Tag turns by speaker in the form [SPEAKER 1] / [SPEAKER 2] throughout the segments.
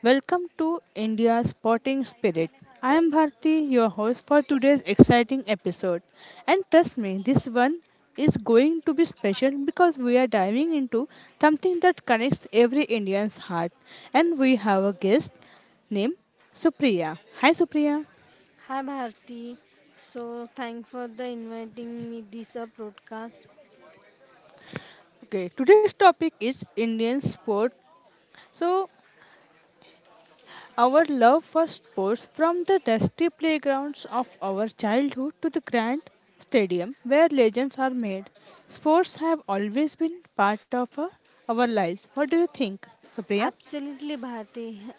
[SPEAKER 1] Welcome to India's Sporting Spirit. I am Bharti, your host for today's exciting episode. And trust me, this one is going to be special because we are diving into something that connects every Indian's heart. And we have a guest named Supriya. Hi, Supriya.
[SPEAKER 2] Hi Bharti, thank for the inviting me this broadcast.
[SPEAKER 1] Okay, today's topic is Indian sport. So, our love for sports, from the dusty playgrounds of our childhood to the grand stadium where legends are made, sports have always been part of our lives. What do you think, Supriya?
[SPEAKER 2] Absolutely Bharti,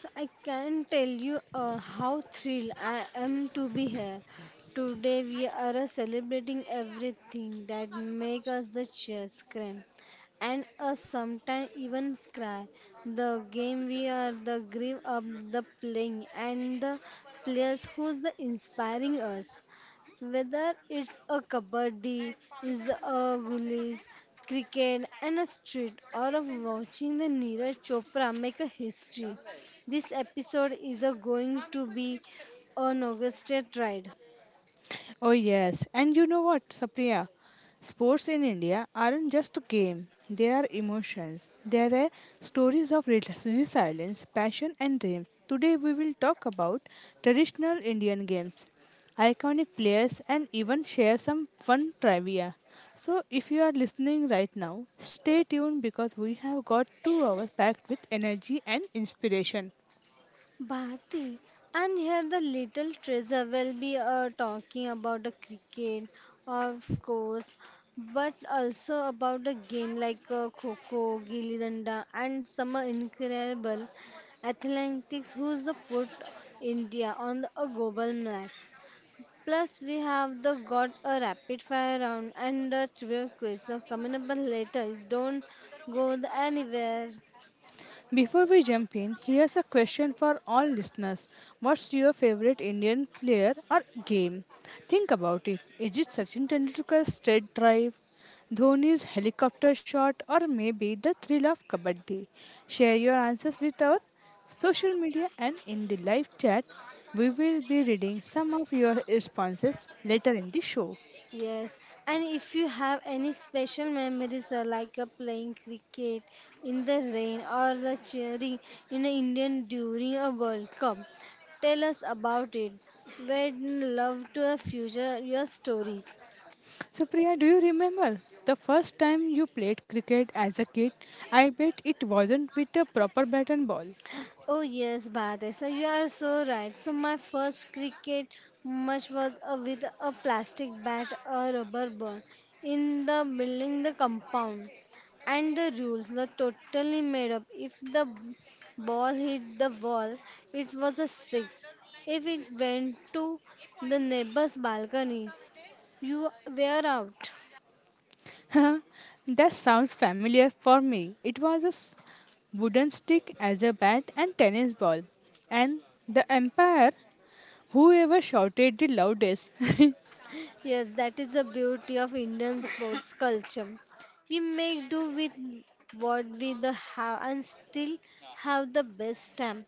[SPEAKER 2] I can tell you how thrilled I am to be here. Today we are celebrating everything that makes us the cheers scream and us sometimes even cry. The game we are the grief of the playing and the players who's the inspiring us. Whether it's a kabaddi, is a gullies, cricket and a street or of watching the Neeraj Chopra make a history. This episode is a going to be an orchestrated ride.
[SPEAKER 1] Oh, yes. And you know what, Sapriya? Sports in India aren't just a game, they are emotions. They are stories of resilience, passion, and dreams. Today, we will talk about traditional Indian games, iconic players, and even share some fun trivia. So, if you are listening right now, stay tuned because we have got 2 hours packed with energy and inspiration.
[SPEAKER 2] Bharti, and here the little treasure will be talking about the cricket, of course, but also about the game like kho-kho, gilli danda, and some incredible athletics who's the put India on a global map. Plus, we have the got a rapid fire round and a trivia quiz. Now, coming up later is don't go the anywhere.
[SPEAKER 1] Before we jump in, here's a question for all listeners. What's your favorite Indian player or game? Think about it. Is it Sachin Tendulkar's straight drive, Dhoni's helicopter shot, or maybe the thrill of kabaddi? Share your answers with our social media and in the live chat. We will be reading some of your responses later in the show.
[SPEAKER 2] Yes, and if you have any special memories like playing cricket in the rain or the cheering in the Indian during a World Cup, tell us about it. We'd love to a future your stories.
[SPEAKER 1] So, Priya, do you remember the first time you played cricket as a kid? I bet it wasn't with a proper bat and ball.
[SPEAKER 2] Oh yes, Bade. So you are so right. So my first cricket match was with a plastic bat, a rubber ball, in the building, the compound, and the rules were totally made up. If the ball hit the wall, it was a six. If it went to the neighbor's balcony, you were out.
[SPEAKER 1] That sounds familiar for me. It was a wooden stick as a bat and tennis ball. And the umpire, whoever shouted the loudest.
[SPEAKER 2] Yes, that is the beauty of Indian sports culture. We make do with what we the have and still have the best time.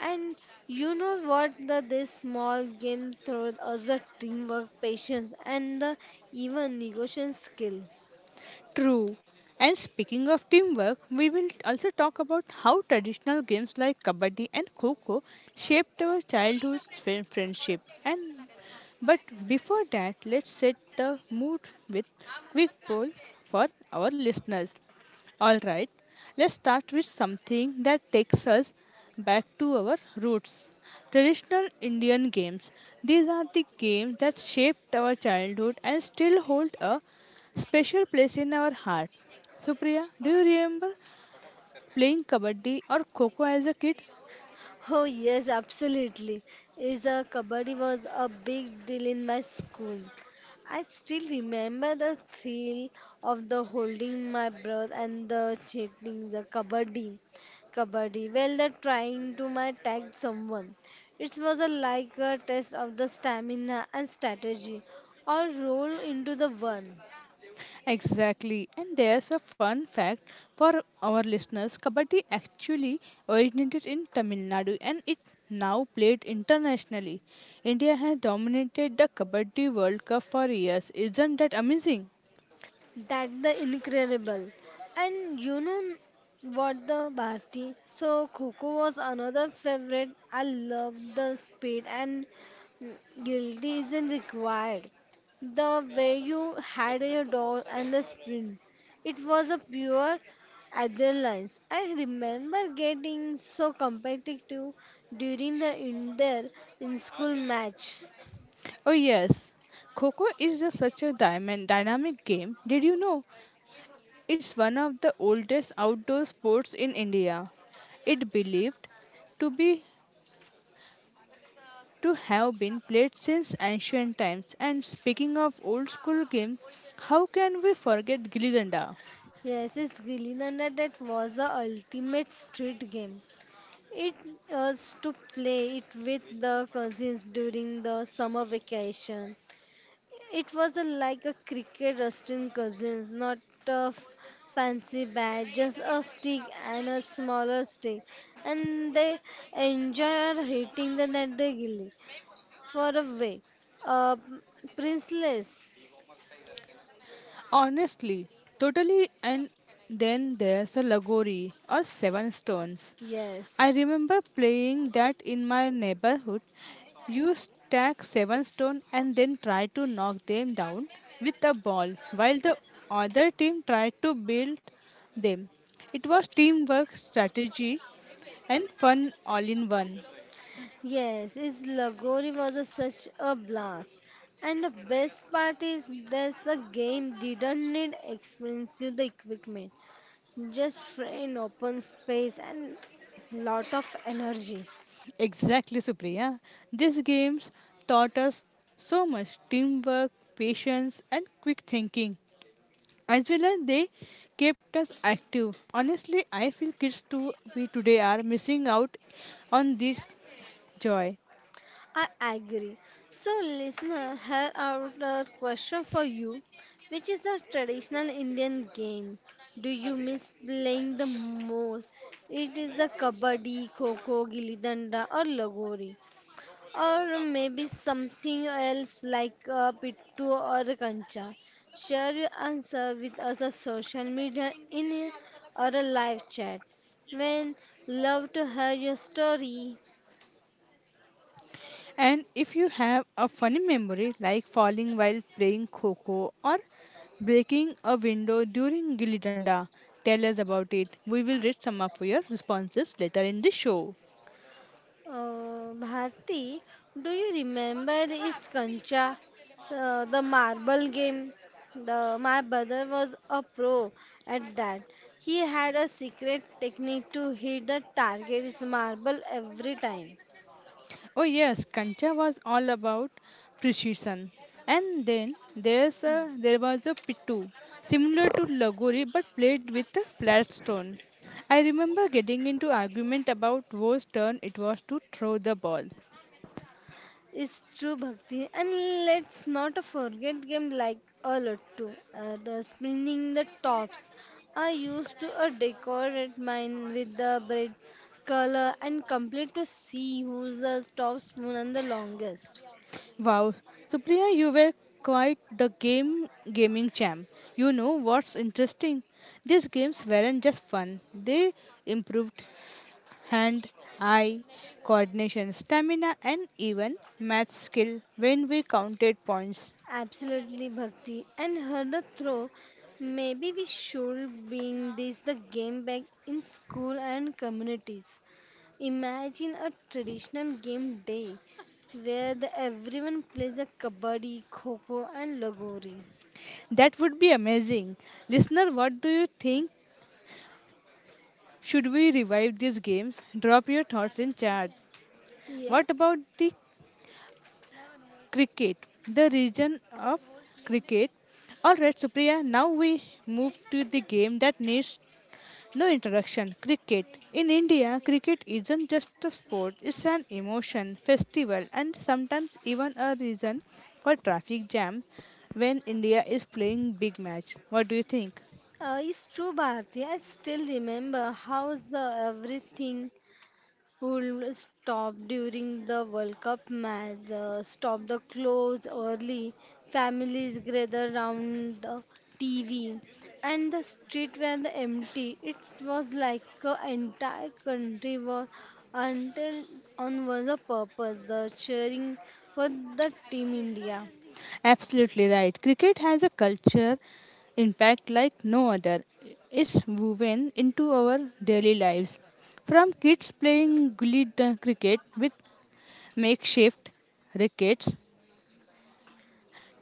[SPEAKER 2] And you know what the this small game throws us the teamwork, patience and the even negotiation skill.
[SPEAKER 1] True. And speaking of teamwork, we will also talk about how traditional games like kabaddi and kho shaped our childhood friendship. And but before that, let's set the mood with quick poll for our listeners. Alright, let's start with something that takes us back to our roots. Traditional Indian games. These are the games that shaped our childhood and still hold a special place in our heart. Supriya, do you remember playing kabaddi or kho as a kid?
[SPEAKER 2] Oh yes, absolutely. Is a kabaddi was a big deal in my school. I still remember the thrill of the holding my breath and the chanting the kabaddi, kabaddi. Well, the trying to my tag someone. It was a like a test of the stamina and strategy, all roll into the one.
[SPEAKER 1] Exactly. And there's a fun fact for our listeners. Kabaddi actually originated in Tamil Nadu and it now played internationally. India has dominated the Kabaddi World Cup for years. Isn't that amazing?
[SPEAKER 2] That the incredible. And you know what the Bharti? So Coco was another favorite. I love the speed and mm, guilty isn't required. The way you had your dog and the sprint. It was a pure adrenaline. I remember getting so competitive during the in there in school match.
[SPEAKER 1] Oh yes. Coco is just such a diamond dynamic game. Did you know? It's one of the oldest outdoor sports in India. It believed to be to have been played since ancient times. And speaking of old school games, how can we forget Gilli Danda?
[SPEAKER 2] Yes, it's Gilly Danda that was the ultimate street game. It us to play it with the cousins during the summer vacation. It was a, like a cricket rusting cousins, not a fancy bat, just a stick and a smaller stick, and they enjoy hitting the net they gilly. For a way, uh, princess.
[SPEAKER 1] Honestly, totally. And then there's a Lagori or Seven Stones. I
[SPEAKER 2] Yes.
[SPEAKER 1] remember playing that in my neighborhood. You stack seven stone and then try to knock them down with a ball while the other team tried to build them. It was teamwork, strategy, and fun all in one.
[SPEAKER 2] Yes, is Lagori was a, such a blast. And the best part is that the game didn't need expensive equipment, just free open space and lot of energy.
[SPEAKER 1] Exactly, Supriya. These games taught us so much teamwork, patience, and quick thinking. As well as they kept us active. Honestly, I feel kids too we today are missing out on this joy.
[SPEAKER 2] I agree. So listener, here are the question for you. Which is the traditional Indian game? Do you miss playing the most? It is the kabaddi, kho kho, gilli danda, or lagori, or maybe something else like pittu or kancha. Share your answer with us on social media in or a live chat when love to hear your story.
[SPEAKER 1] And if you have a funny memory like falling while playing Coco or breaking a window during Gilly Danda, tell us about it. We will read some of your responses later in the show.
[SPEAKER 2] Bharti, do you remember is kancha, the marble game? The my brother was a pro at that. He had a secret technique to hit the target's marble every time.
[SPEAKER 1] Oh yes, Kancha was all about precision. And then there was a pitu, similar to Lagori but played with a flat stone. I remember getting into argument about whose turn it was to throw the ball.
[SPEAKER 2] It's true, Bhakti. And let's not forget game like a lot too. The spinning the tops. I used to decorate mine with the bread color and complete to see who's the top spoon and the longest.
[SPEAKER 1] Wow. So Priya, you were quite the game gaming champ. You know what's interesting? These games weren't just fun. They improved hand eye coordination, stamina and even math skill when we counted points.
[SPEAKER 2] Absolutely, Bhakti. And heard the throw. Maybe we should bring this the game back in school and communities. Imagine a traditional game day where the everyone plays a kabaddi, kho and lagori.
[SPEAKER 1] That would be amazing. Listener, what do you think? Should we revive these games? Drop your thoughts in chat.
[SPEAKER 2] Yeah,
[SPEAKER 1] What about the cricket, the region of cricket. All right, Supriya, now we move to the game that needs no introduction cricket. In India, cricket isn't just a sport, it's an emotion, festival, and sometimes even a reason for traffic jam when India is playing big match. What do you think?
[SPEAKER 2] it's true, Bharti. I still remember how's the everything who stopped during the World Cup match, stop the close early, families gather round the TV, and the street were the empty. It was like an entire country was until on was the purpose, the cheering for the Team India.
[SPEAKER 1] Absolutely right. Cricket has a culture impact like no other. It's woven into our daily lives. From kids playing gully cricket with makeshift rackets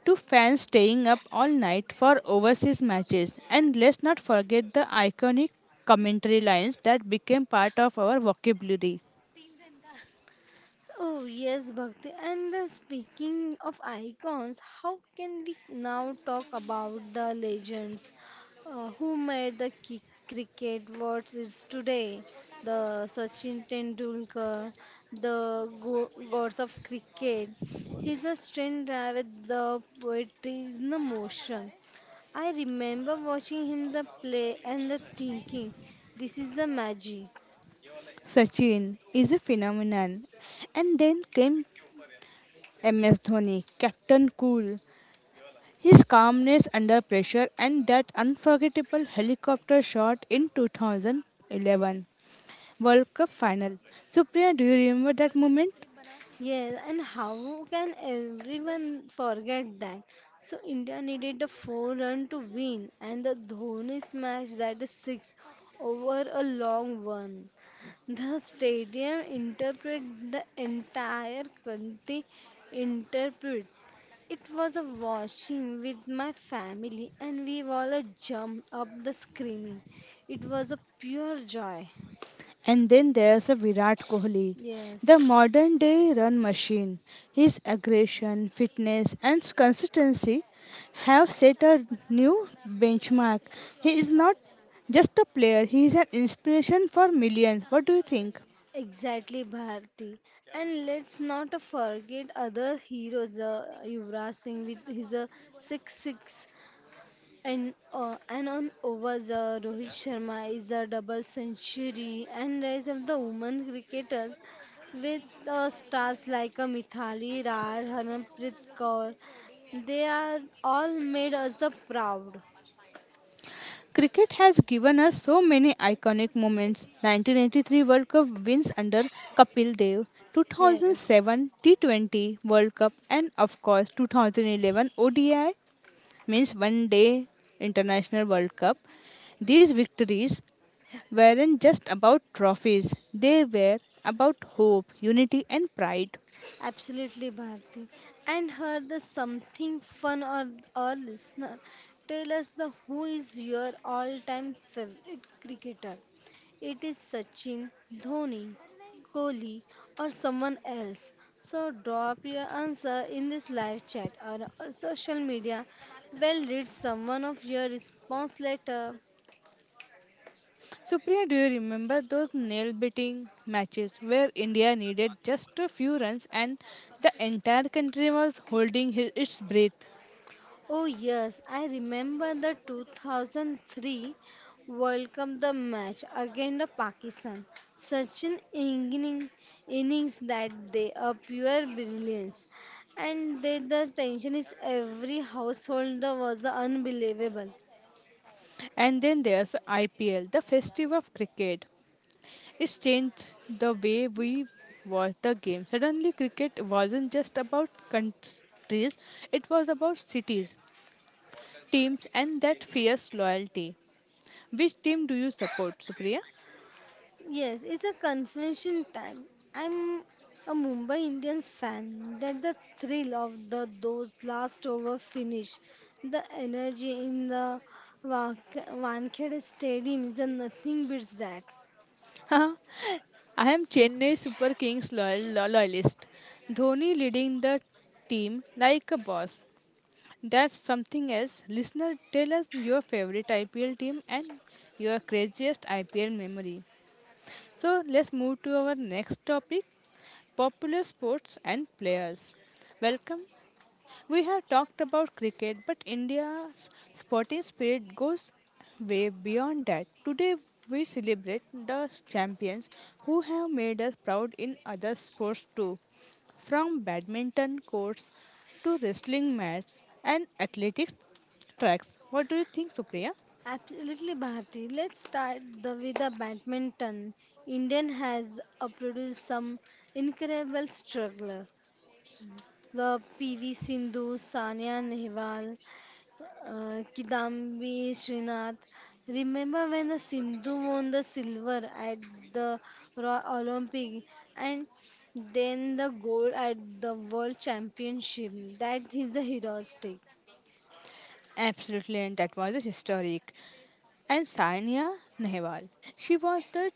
[SPEAKER 1] to fans staying up all night for overseas matches. And let's not forget the iconic commentary lines that became part of our vocabulary.
[SPEAKER 2] Oh, yes, Bhakti. And speaking of icons, how can we now talk about the legends who made the cricket what is today? The Sachin Tendulkar, the gods of cricket. He's a strange guy with the poetry in the motion. I remember watching him the play and the thinking, this is the magic.
[SPEAKER 1] Sachin is a phenomenon. And then came MS Dhoni, Captain Cool. His calmness under pressure and that unforgettable helicopter shot in 2011 World Cup final. Supriya, do you remember that moment?
[SPEAKER 2] Yes, and how can everyone forget that? So India needed a four run to win, and the Dhoni smashed that six over a long one. The stadium interpreted the entire country interpret. It was a watching with my family, and we all jumped up the screaming. It was a pure joy.
[SPEAKER 1] And then there's a Virat Kohli,
[SPEAKER 2] Yes.
[SPEAKER 1] the modern day run machine. His aggression, fitness, and consistency have set a new benchmark. He is not just a player, he is an inspiration for millions. What do you think?
[SPEAKER 2] Exactly, Bharti. And let's not forget other heroes, Yuvraj Singh with his 6-6 and on overs, Rohit Sharma is a double century and rise of the women cricketers with stars like Mithali Raj, Harmanpreet Kaur. They are all made us the proud.
[SPEAKER 1] Cricket has given us so many iconic moments. 1983 World Cup wins under Kapil Dev,
[SPEAKER 2] Yes.
[SPEAKER 1] 2007 T20 World Cup, and of course 2011 ODI means One Day International World Cup. These victories weren't just about trophies; they were about hope, unity, and pride.
[SPEAKER 2] Absolutely, Bharti. And her the something fun or listener. Tell us the who is your all-time favorite cricketer. It is Sachin, Dhoni, Kohli, or someone else. So drop your answer in this live chat or social media. We'll read someone of your response later.
[SPEAKER 1] Supriya, do you remember those nail biting matches where India needed just a few runs and the entire country was holding its breath?
[SPEAKER 2] Oh yes, I remember the 2003 World Cup the match against the Pakistan. Such an innings that they are pure brilliance. And they, the tension is every household was unbelievable.
[SPEAKER 1] And then there's IPL, the festival of cricket. It's changed the way we watch the game. Suddenly, cricket wasn't just about countries, it was about cities, teams, and that fierce loyalty. Which team do you support, Supriya?
[SPEAKER 2] Yes, it's a confession time. I'm a Mumbai Indians fan. That the thrill of the those last over finish, the energy in the Wa- Wankhede Stadium is a nothing beats that.
[SPEAKER 1] I am Chennai Super Kings loyalist. Dhoni leading the team like a boss. That's something else. Listener, tell us your favorite IPL team and your craziest IPL memory. So let's move to our next topic popular sports and players. Welcome. We have talked about cricket, but India's sporting spirit goes way beyond that. Today, we celebrate the champions who have made us proud in other sports too, from badminton courts to wrestling mats and athletics tracks. What do you think, Supriya?
[SPEAKER 2] Absolutely, Bharti. Let's start with the badminton. Indian has produced some incredible struggler. The PV Sindhu, Sania Nehwal, uh, Kidambi Srinath. Remember when the Sindhu won the silver at the Olympic and then the gold at the World Championship? That is the heroistic.
[SPEAKER 1] Absolutely, and that was a historic. And Sainia Nehwal, she was the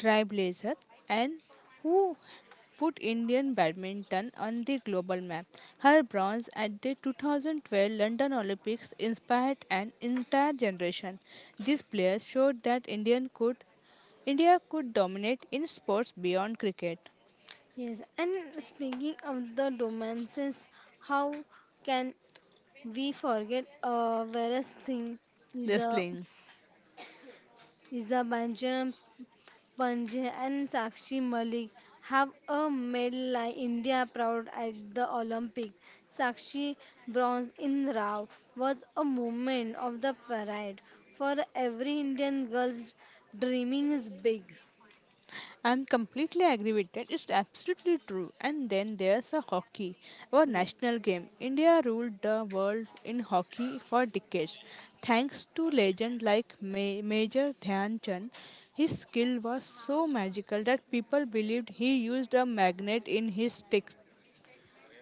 [SPEAKER 1] trailblazer and who put Indian badminton on the global map. Her bronze at the 2012 London Olympics inspired an entire generation. These players showed that India could dominate in sports beyond cricket,
[SPEAKER 2] Yes, and speaking of the romances, how can we forget a various thing is a
[SPEAKER 1] wrestling.
[SPEAKER 2] is a Benjamin Panje and Sakshi Malik have a medal like India proud at the Olympic. Sakshi bronze in Rao was a moment of the pride for every Indian girl's dreaming is big.
[SPEAKER 1] I'm completely aggravated. It's absolutely true. And then there's a hockey, our
[SPEAKER 2] Yeah.
[SPEAKER 1] national game. India ruled the world in hockey for decades, thanks to legend like Major Dhyan Chand. His skill was so magical that people believed he used a magnet in his stick.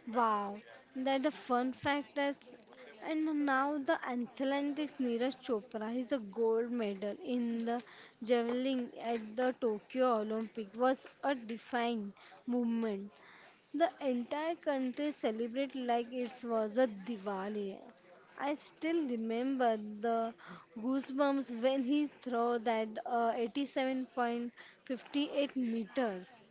[SPEAKER 2] Wow, that the fun fact is, and now the athletes Neeraj Chopra is the gold medal in the javelin at the Tokyo Olympic was a defining movement. The entire country celebrated like it was a Diwali. I still remember the goosebumps when he threw that 87.58 meters.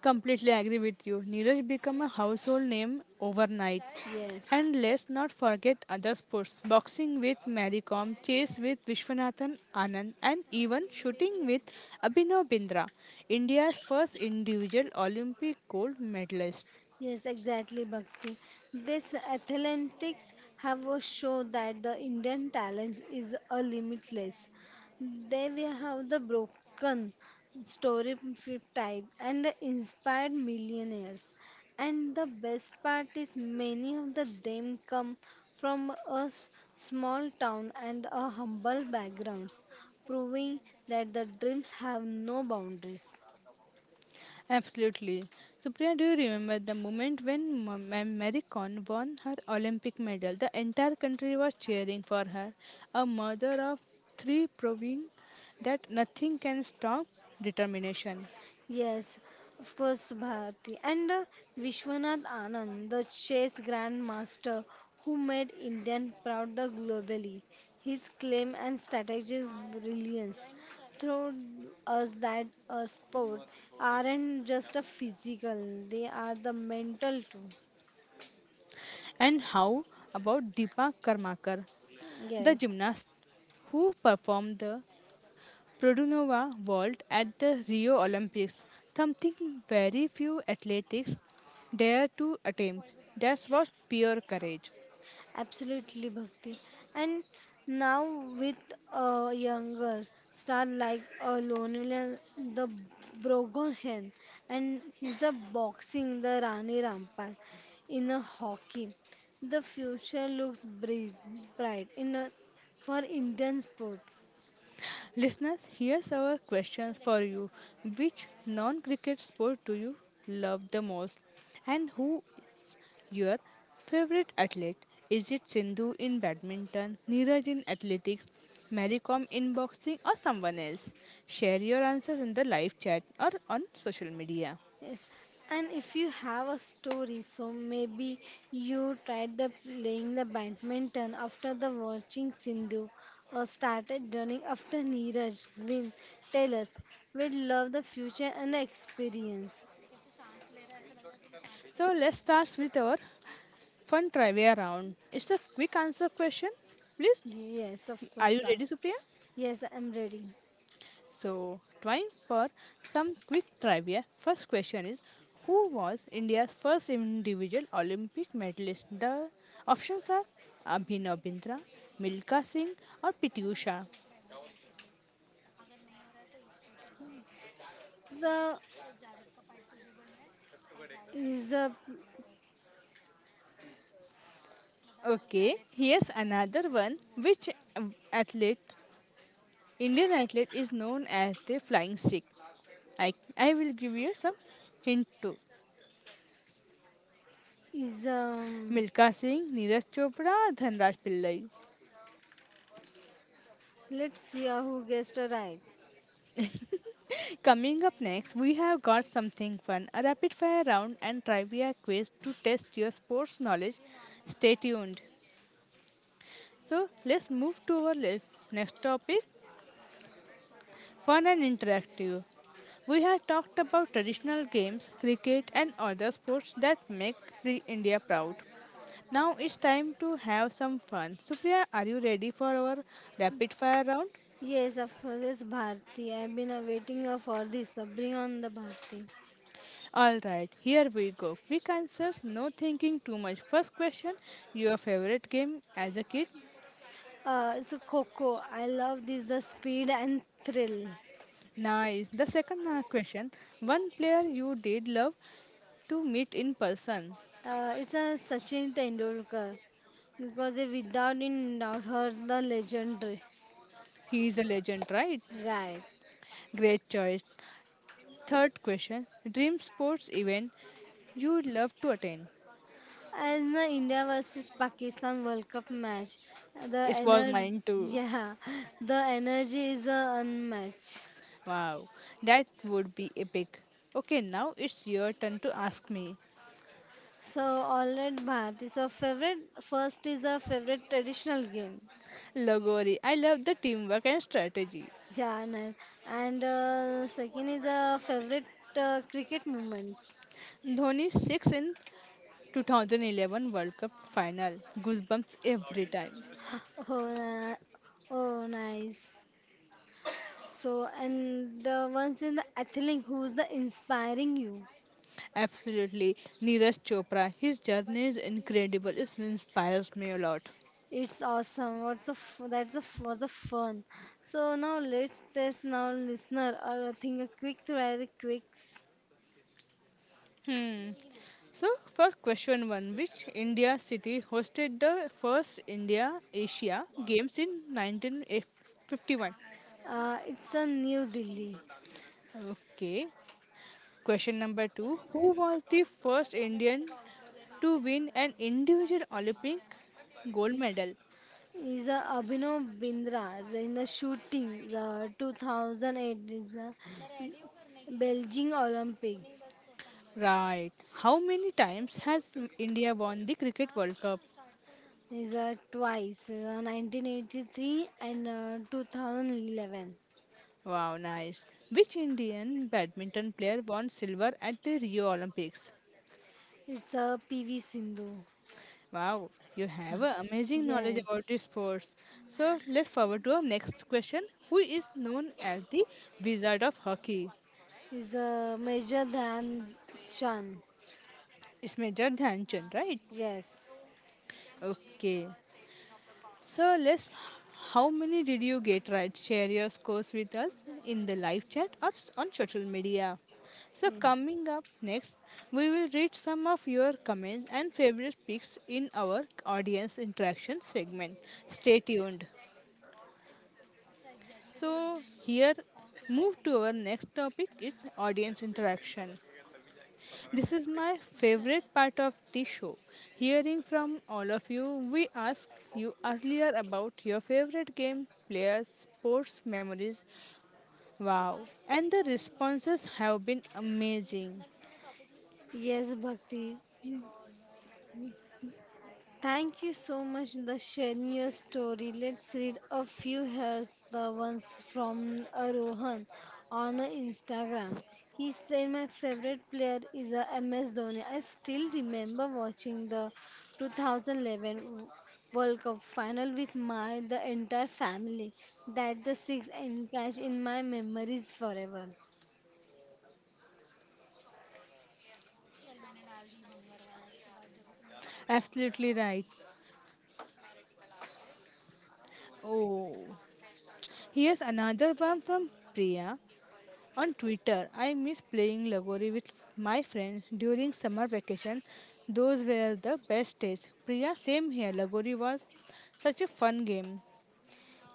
[SPEAKER 1] Completely agree with you. Neeraj became a household name overnight.
[SPEAKER 2] Yes.
[SPEAKER 1] And let's not forget other sports boxing with Mary Kom, chess with Vishwanathan Anand, and even shooting with Abhinav Bindra, India's first individual Olympic gold medalist.
[SPEAKER 2] Yes, exactly, Bhakti. This athletics have a show that the Indian talent is a limitless. They we have the broken story type and the inspired millionaires. And the best part is many of the them come from a small town and a humble backgrounds, proving that the dreams have no boundaries.
[SPEAKER 1] Absolutely. So, Priya, do you remember the moment when Mary Kon won her Olympic medal? The entire country was cheering for her. A mother of three proving that nothing can stop determination.
[SPEAKER 2] Yes, of course, Bharti. And Vishwanath Anand, the chess grandmaster who made Indian proud the globally. His claim and strategies brilliance showed us that a sport aren't just a physical, they are the mental too.
[SPEAKER 1] And how about Deepa Karmakar, the
[SPEAKER 2] Yes.
[SPEAKER 1] gymnast who performed the Produnova vault at the Rio Olympics, something very few athletes dare to attempt. That was pure courage.
[SPEAKER 2] Absolutely, Bhakti. And now with a younger star like Lonely, the Brogohen, and the boxing, the Rani Rampal, in a hockey, the future looks bright in a, for Indian sport.
[SPEAKER 1] Listeners, here's our question for you. Which non cricket sport do you love the most? And who is your favorite athlete? Is it Sindhu in badminton, Neeraj in athletics, Mary Kom in boxing, or someone else? Share your answers in the live chat or on social media.
[SPEAKER 2] Yes, and if you have a story, so maybe you tried the playing the badminton after the watching Sindhu, or started running after Neeraj's win. Tell us. We'd love the future and the experience.
[SPEAKER 1] So let's start with our fun trivia round. It's a quick answer question. Please,
[SPEAKER 2] Yes, of course,
[SPEAKER 1] are you
[SPEAKER 2] Star.
[SPEAKER 1] ready, Supriya?
[SPEAKER 2] Yes, I'm ready.
[SPEAKER 1] So, time for some quick trivia. First question is who was India's first individual Olympic medalist? The options are Abhinav Bindra, Milka Singh, or Piti Usha.
[SPEAKER 2] The is a
[SPEAKER 1] Okay, here's another one. Which athlete, Indian athlete, is known as the flying Sikh? I will give you some hint too.
[SPEAKER 2] is
[SPEAKER 1] Milka Singh, Neeraj Chopra, Dhanraj Pillai.
[SPEAKER 2] Let's see who guessed right.
[SPEAKER 1] Coming up next, we have got something fun a rapid fire round and trivia quiz to test your sports knowledge. Stay tuned. So, let's move to our next topic fun and interactive. We have talked about traditional games, cricket, and other sports that make pre India proud. Now it's time to have some fun. Supriya, are you ready for our rapid fire round?
[SPEAKER 2] Yes, of course, it's Bharti. I've been waiting for this. So bring on the Bharti.
[SPEAKER 1] Alright, here we go. Quick answers, no thinking too much. First question your favorite game as a kid?
[SPEAKER 2] It's a Coco, I love this the speed and thrill.
[SPEAKER 1] Nice. The second question one player you did love to meet in person.
[SPEAKER 2] It's a Sachin Tendulkar because if without in doubt her the legendary,
[SPEAKER 1] He is a legend, right?
[SPEAKER 2] right?
[SPEAKER 1] Great choice. Third question dream sports event you would love to attend.
[SPEAKER 2] And the India versus Pakistan World Cup match, the
[SPEAKER 1] It was
[SPEAKER 2] energy,
[SPEAKER 1] mine too.
[SPEAKER 2] yeah, the energy is unmatched.
[SPEAKER 1] Wow, that would be epic. Okay, now it's your turn to ask me.
[SPEAKER 2] So all right, Bharti. So favorite first is a favorite traditional game.
[SPEAKER 1] Logori, I love the teamwork and strategy.
[SPEAKER 2] Yeah, nice. And second is a favorite cricket moments.
[SPEAKER 1] Dhoni six in 2011 World Cup final. Goosebumps every time.
[SPEAKER 2] Oh, uh, oh, nice. So, and the ones in the athletic who's the inspiring you.
[SPEAKER 1] Absolutely. Neeraj Chopra. His journey is incredible. It inspires me a lot.
[SPEAKER 2] It's awesome. That's was a fun. So now let's test now listener or I think a quick try quicks.
[SPEAKER 1] Hmm. So, for question one, which India city hosted the first India Asia Games in 1951?
[SPEAKER 2] It's a New Delhi.
[SPEAKER 1] Okay. Question number two, who was the first Indian to win an individual Olympic gold medal?
[SPEAKER 2] Is a Abhinav Bindra is in the shooting the 2008 is the Beijing Olympic.
[SPEAKER 1] Right. How many times has India won the Cricket World Cup?
[SPEAKER 2] Is twice, 1983 and 2011.
[SPEAKER 1] Wow, nice. Which Indian badminton player won silver at the Rio Olympics?
[SPEAKER 2] It's a PV Sindhu.
[SPEAKER 1] Wow, you have a amazing knowledge about
[SPEAKER 2] Yes,
[SPEAKER 1] the sports. So let's forward to our next question. Who is known as the Wizard of Hockey?
[SPEAKER 2] is Major Dhyan Chand.
[SPEAKER 1] It's Major Dhyanchand, right?
[SPEAKER 2] Yes,
[SPEAKER 1] Okay. So, Les, how many did you get right? Share your scores with us in the live chat or on social media. So,
[SPEAKER 2] Mm.
[SPEAKER 1] coming up next, we will read some of your comments and favorite picks in our audience interaction segment. Stay tuned. So, here, move to our next topic is audience interaction. This is my favorite part of the show. Hearing from all of you, we asked you earlier about your favorite game, players, sports memories. Wow. And the responses have been amazing.
[SPEAKER 2] yes, Bhakti. Thank you so much for sharing your story. Let's read a few here. The ones from Arohan on the Instagram. He said my favorite player is a MS Dhoni. I still remember watching the 2011 World Cup final with my the entire family. That the six and catch in my memories forever.
[SPEAKER 1] Absolutely right. Oh. Here's another one from Priya. On Twitter, I miss playing Lagori with my friends during summer vacation. Those were the best days. Priya, same here. Lagori was such a fun game.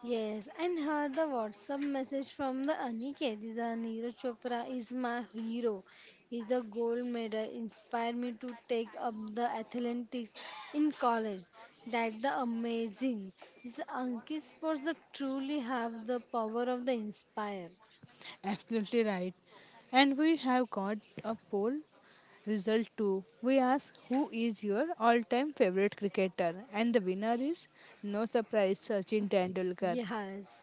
[SPEAKER 2] Yes, and heard the WhatsApp message from the Aniket. This is Neeraj Chopra is my hero. He's a gold medal. Inspired me to take up the athletics in college. That's the amazing. This Anki sports that truly have the power of the inspire.
[SPEAKER 1] Absolutely right. And we have got a poll result too. We ask who is your all time favorite cricketer, and the winner is no surprise Sachin Tendulkar,
[SPEAKER 2] Yes.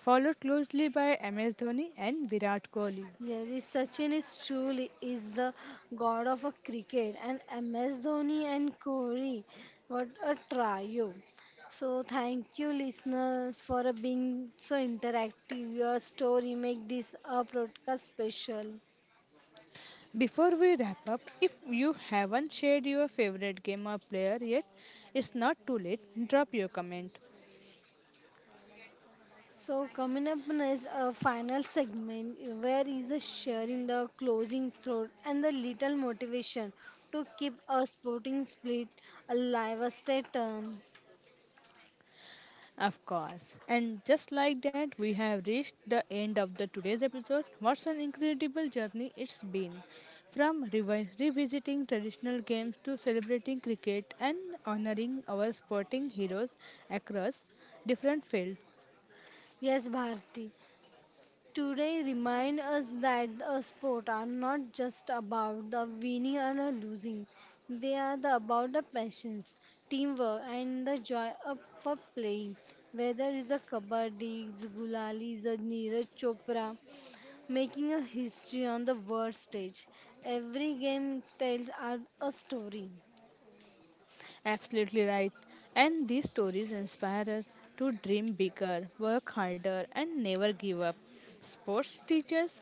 [SPEAKER 1] followed closely by MS Dhoni and Virat Kohli.
[SPEAKER 2] Yes, is Sachin is truly is the god of a cricket and MS Dhoni and Kohli. What a trio. So thank you listeners for being so interactive. Your story make this a broadcast special.
[SPEAKER 1] Before we wrap up, if you haven't shared your favorite game or player yet, it's not too late. Drop your comment.
[SPEAKER 2] So coming up next a final segment where is the sharing the closing thought and the little motivation to keep a sporting spirit alive. A stay tuned.
[SPEAKER 1] Of course. And just like that, we have reached the end of the today's episode. What's an incredible journey it's been. From revisiting traditional games to celebrating cricket and honoring our sporting heroes across different fields.
[SPEAKER 2] Yes, Bharti. Today remind us that a sport are not just about the winning and the losing. They are the, about the passions, teamwork and the joy of playing. Whether it's a kabaddi, it's gulali, the Neeraj Chopra, making a history on the world stage. Every game tells are a story.
[SPEAKER 1] Absolutely right. And these stories inspire us to dream bigger, work harder, and never give up. Sports teaches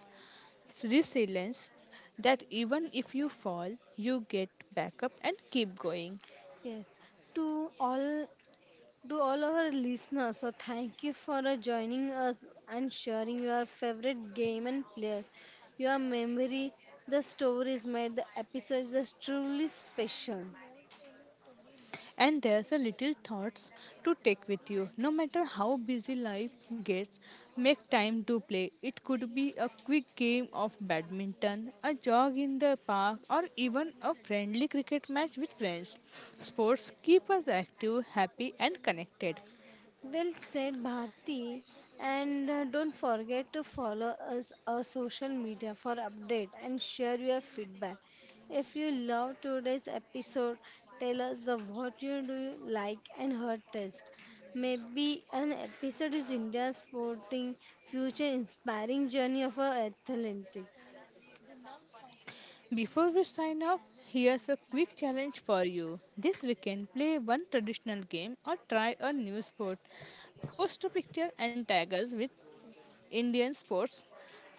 [SPEAKER 1] it's resilience that even if you fall, you get back up and keep going.
[SPEAKER 2] Yes, to all to all our listeners, so thank you for joining us and sharing your favorite game and players. Your memory, the stories made the episodes are truly special.
[SPEAKER 1] And there's a little thoughts to take with you. No matter how busy life gets, make time to play. It could be a quick game of badminton, a jog in the park, or even a friendly cricket match with friends. Sports keep us active, happy, and connected.
[SPEAKER 2] Well said, Bharti. And don't forget to follow us on social media for update and share your feedback. If you love today's episode, tell us the what you do like and her taste. Maybe an episode is India's sporting future inspiring journey of our athletics.
[SPEAKER 1] Before we sign off, here's a quick challenge for you. This weekend, play one traditional game or try a new sport. Post a picture and tag us with Indian sports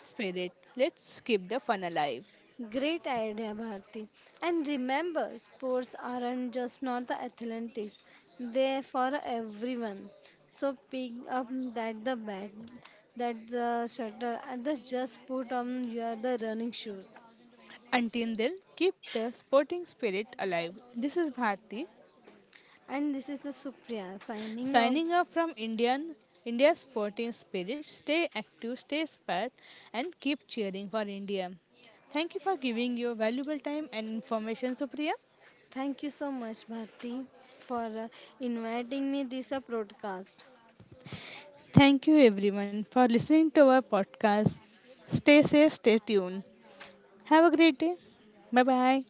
[SPEAKER 1] spirit. Let's keep the fun alive.
[SPEAKER 2] Great idea, Bharti. And remember, sports aren't just not the athletics; they're for everyone. So pick up that the bat, that the shuttle, and the just put on your the running shoes.
[SPEAKER 1] Until then, keep the sporting spirit alive. This is Bharti
[SPEAKER 2] And this is the Supriya signing off.
[SPEAKER 1] signing off from India Sporting Spirit. Stay active, stay inspired, and keep cheering for India. Thank you for giving your valuable time and information, Supriya.
[SPEAKER 2] Thank you so much, Bharti, for inviting me this broadcast.
[SPEAKER 1] Thank you everyone for listening to our podcast. Stay safe, stay tuned. Have a great day. Bye bye.